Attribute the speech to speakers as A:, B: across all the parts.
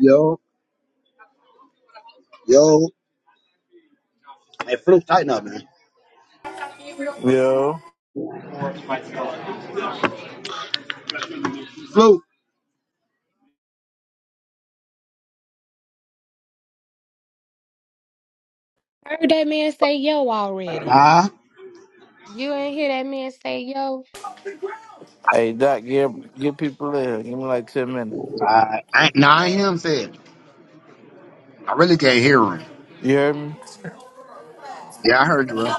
A: Yo, yo. Hey, Fluke, tighten up, man.
B: Yo.
A: Fluke.
C: Heard that man say yo already.
A: Huh?
C: You ain't hear that man say yo.
B: Hey, Doc, give, give people in. Give me like 10 minutes.
A: Uh, I, nah, I ain't hear him say it. I really can't hear him.
B: You heard me?
A: Yeah, I heard you, bro.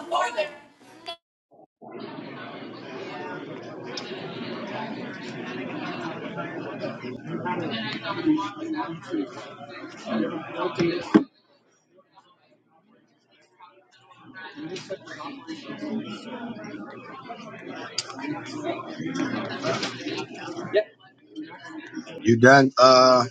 A: You done? uh.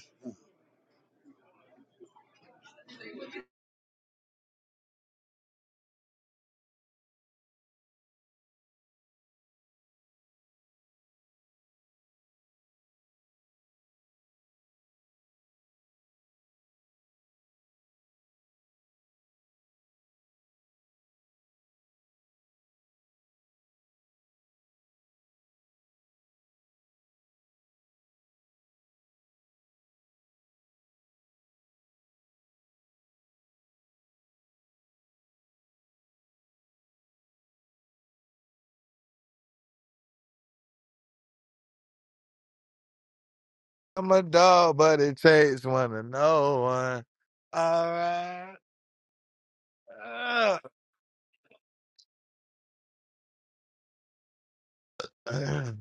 D: I'm a dog, but it takes one to know one. All right.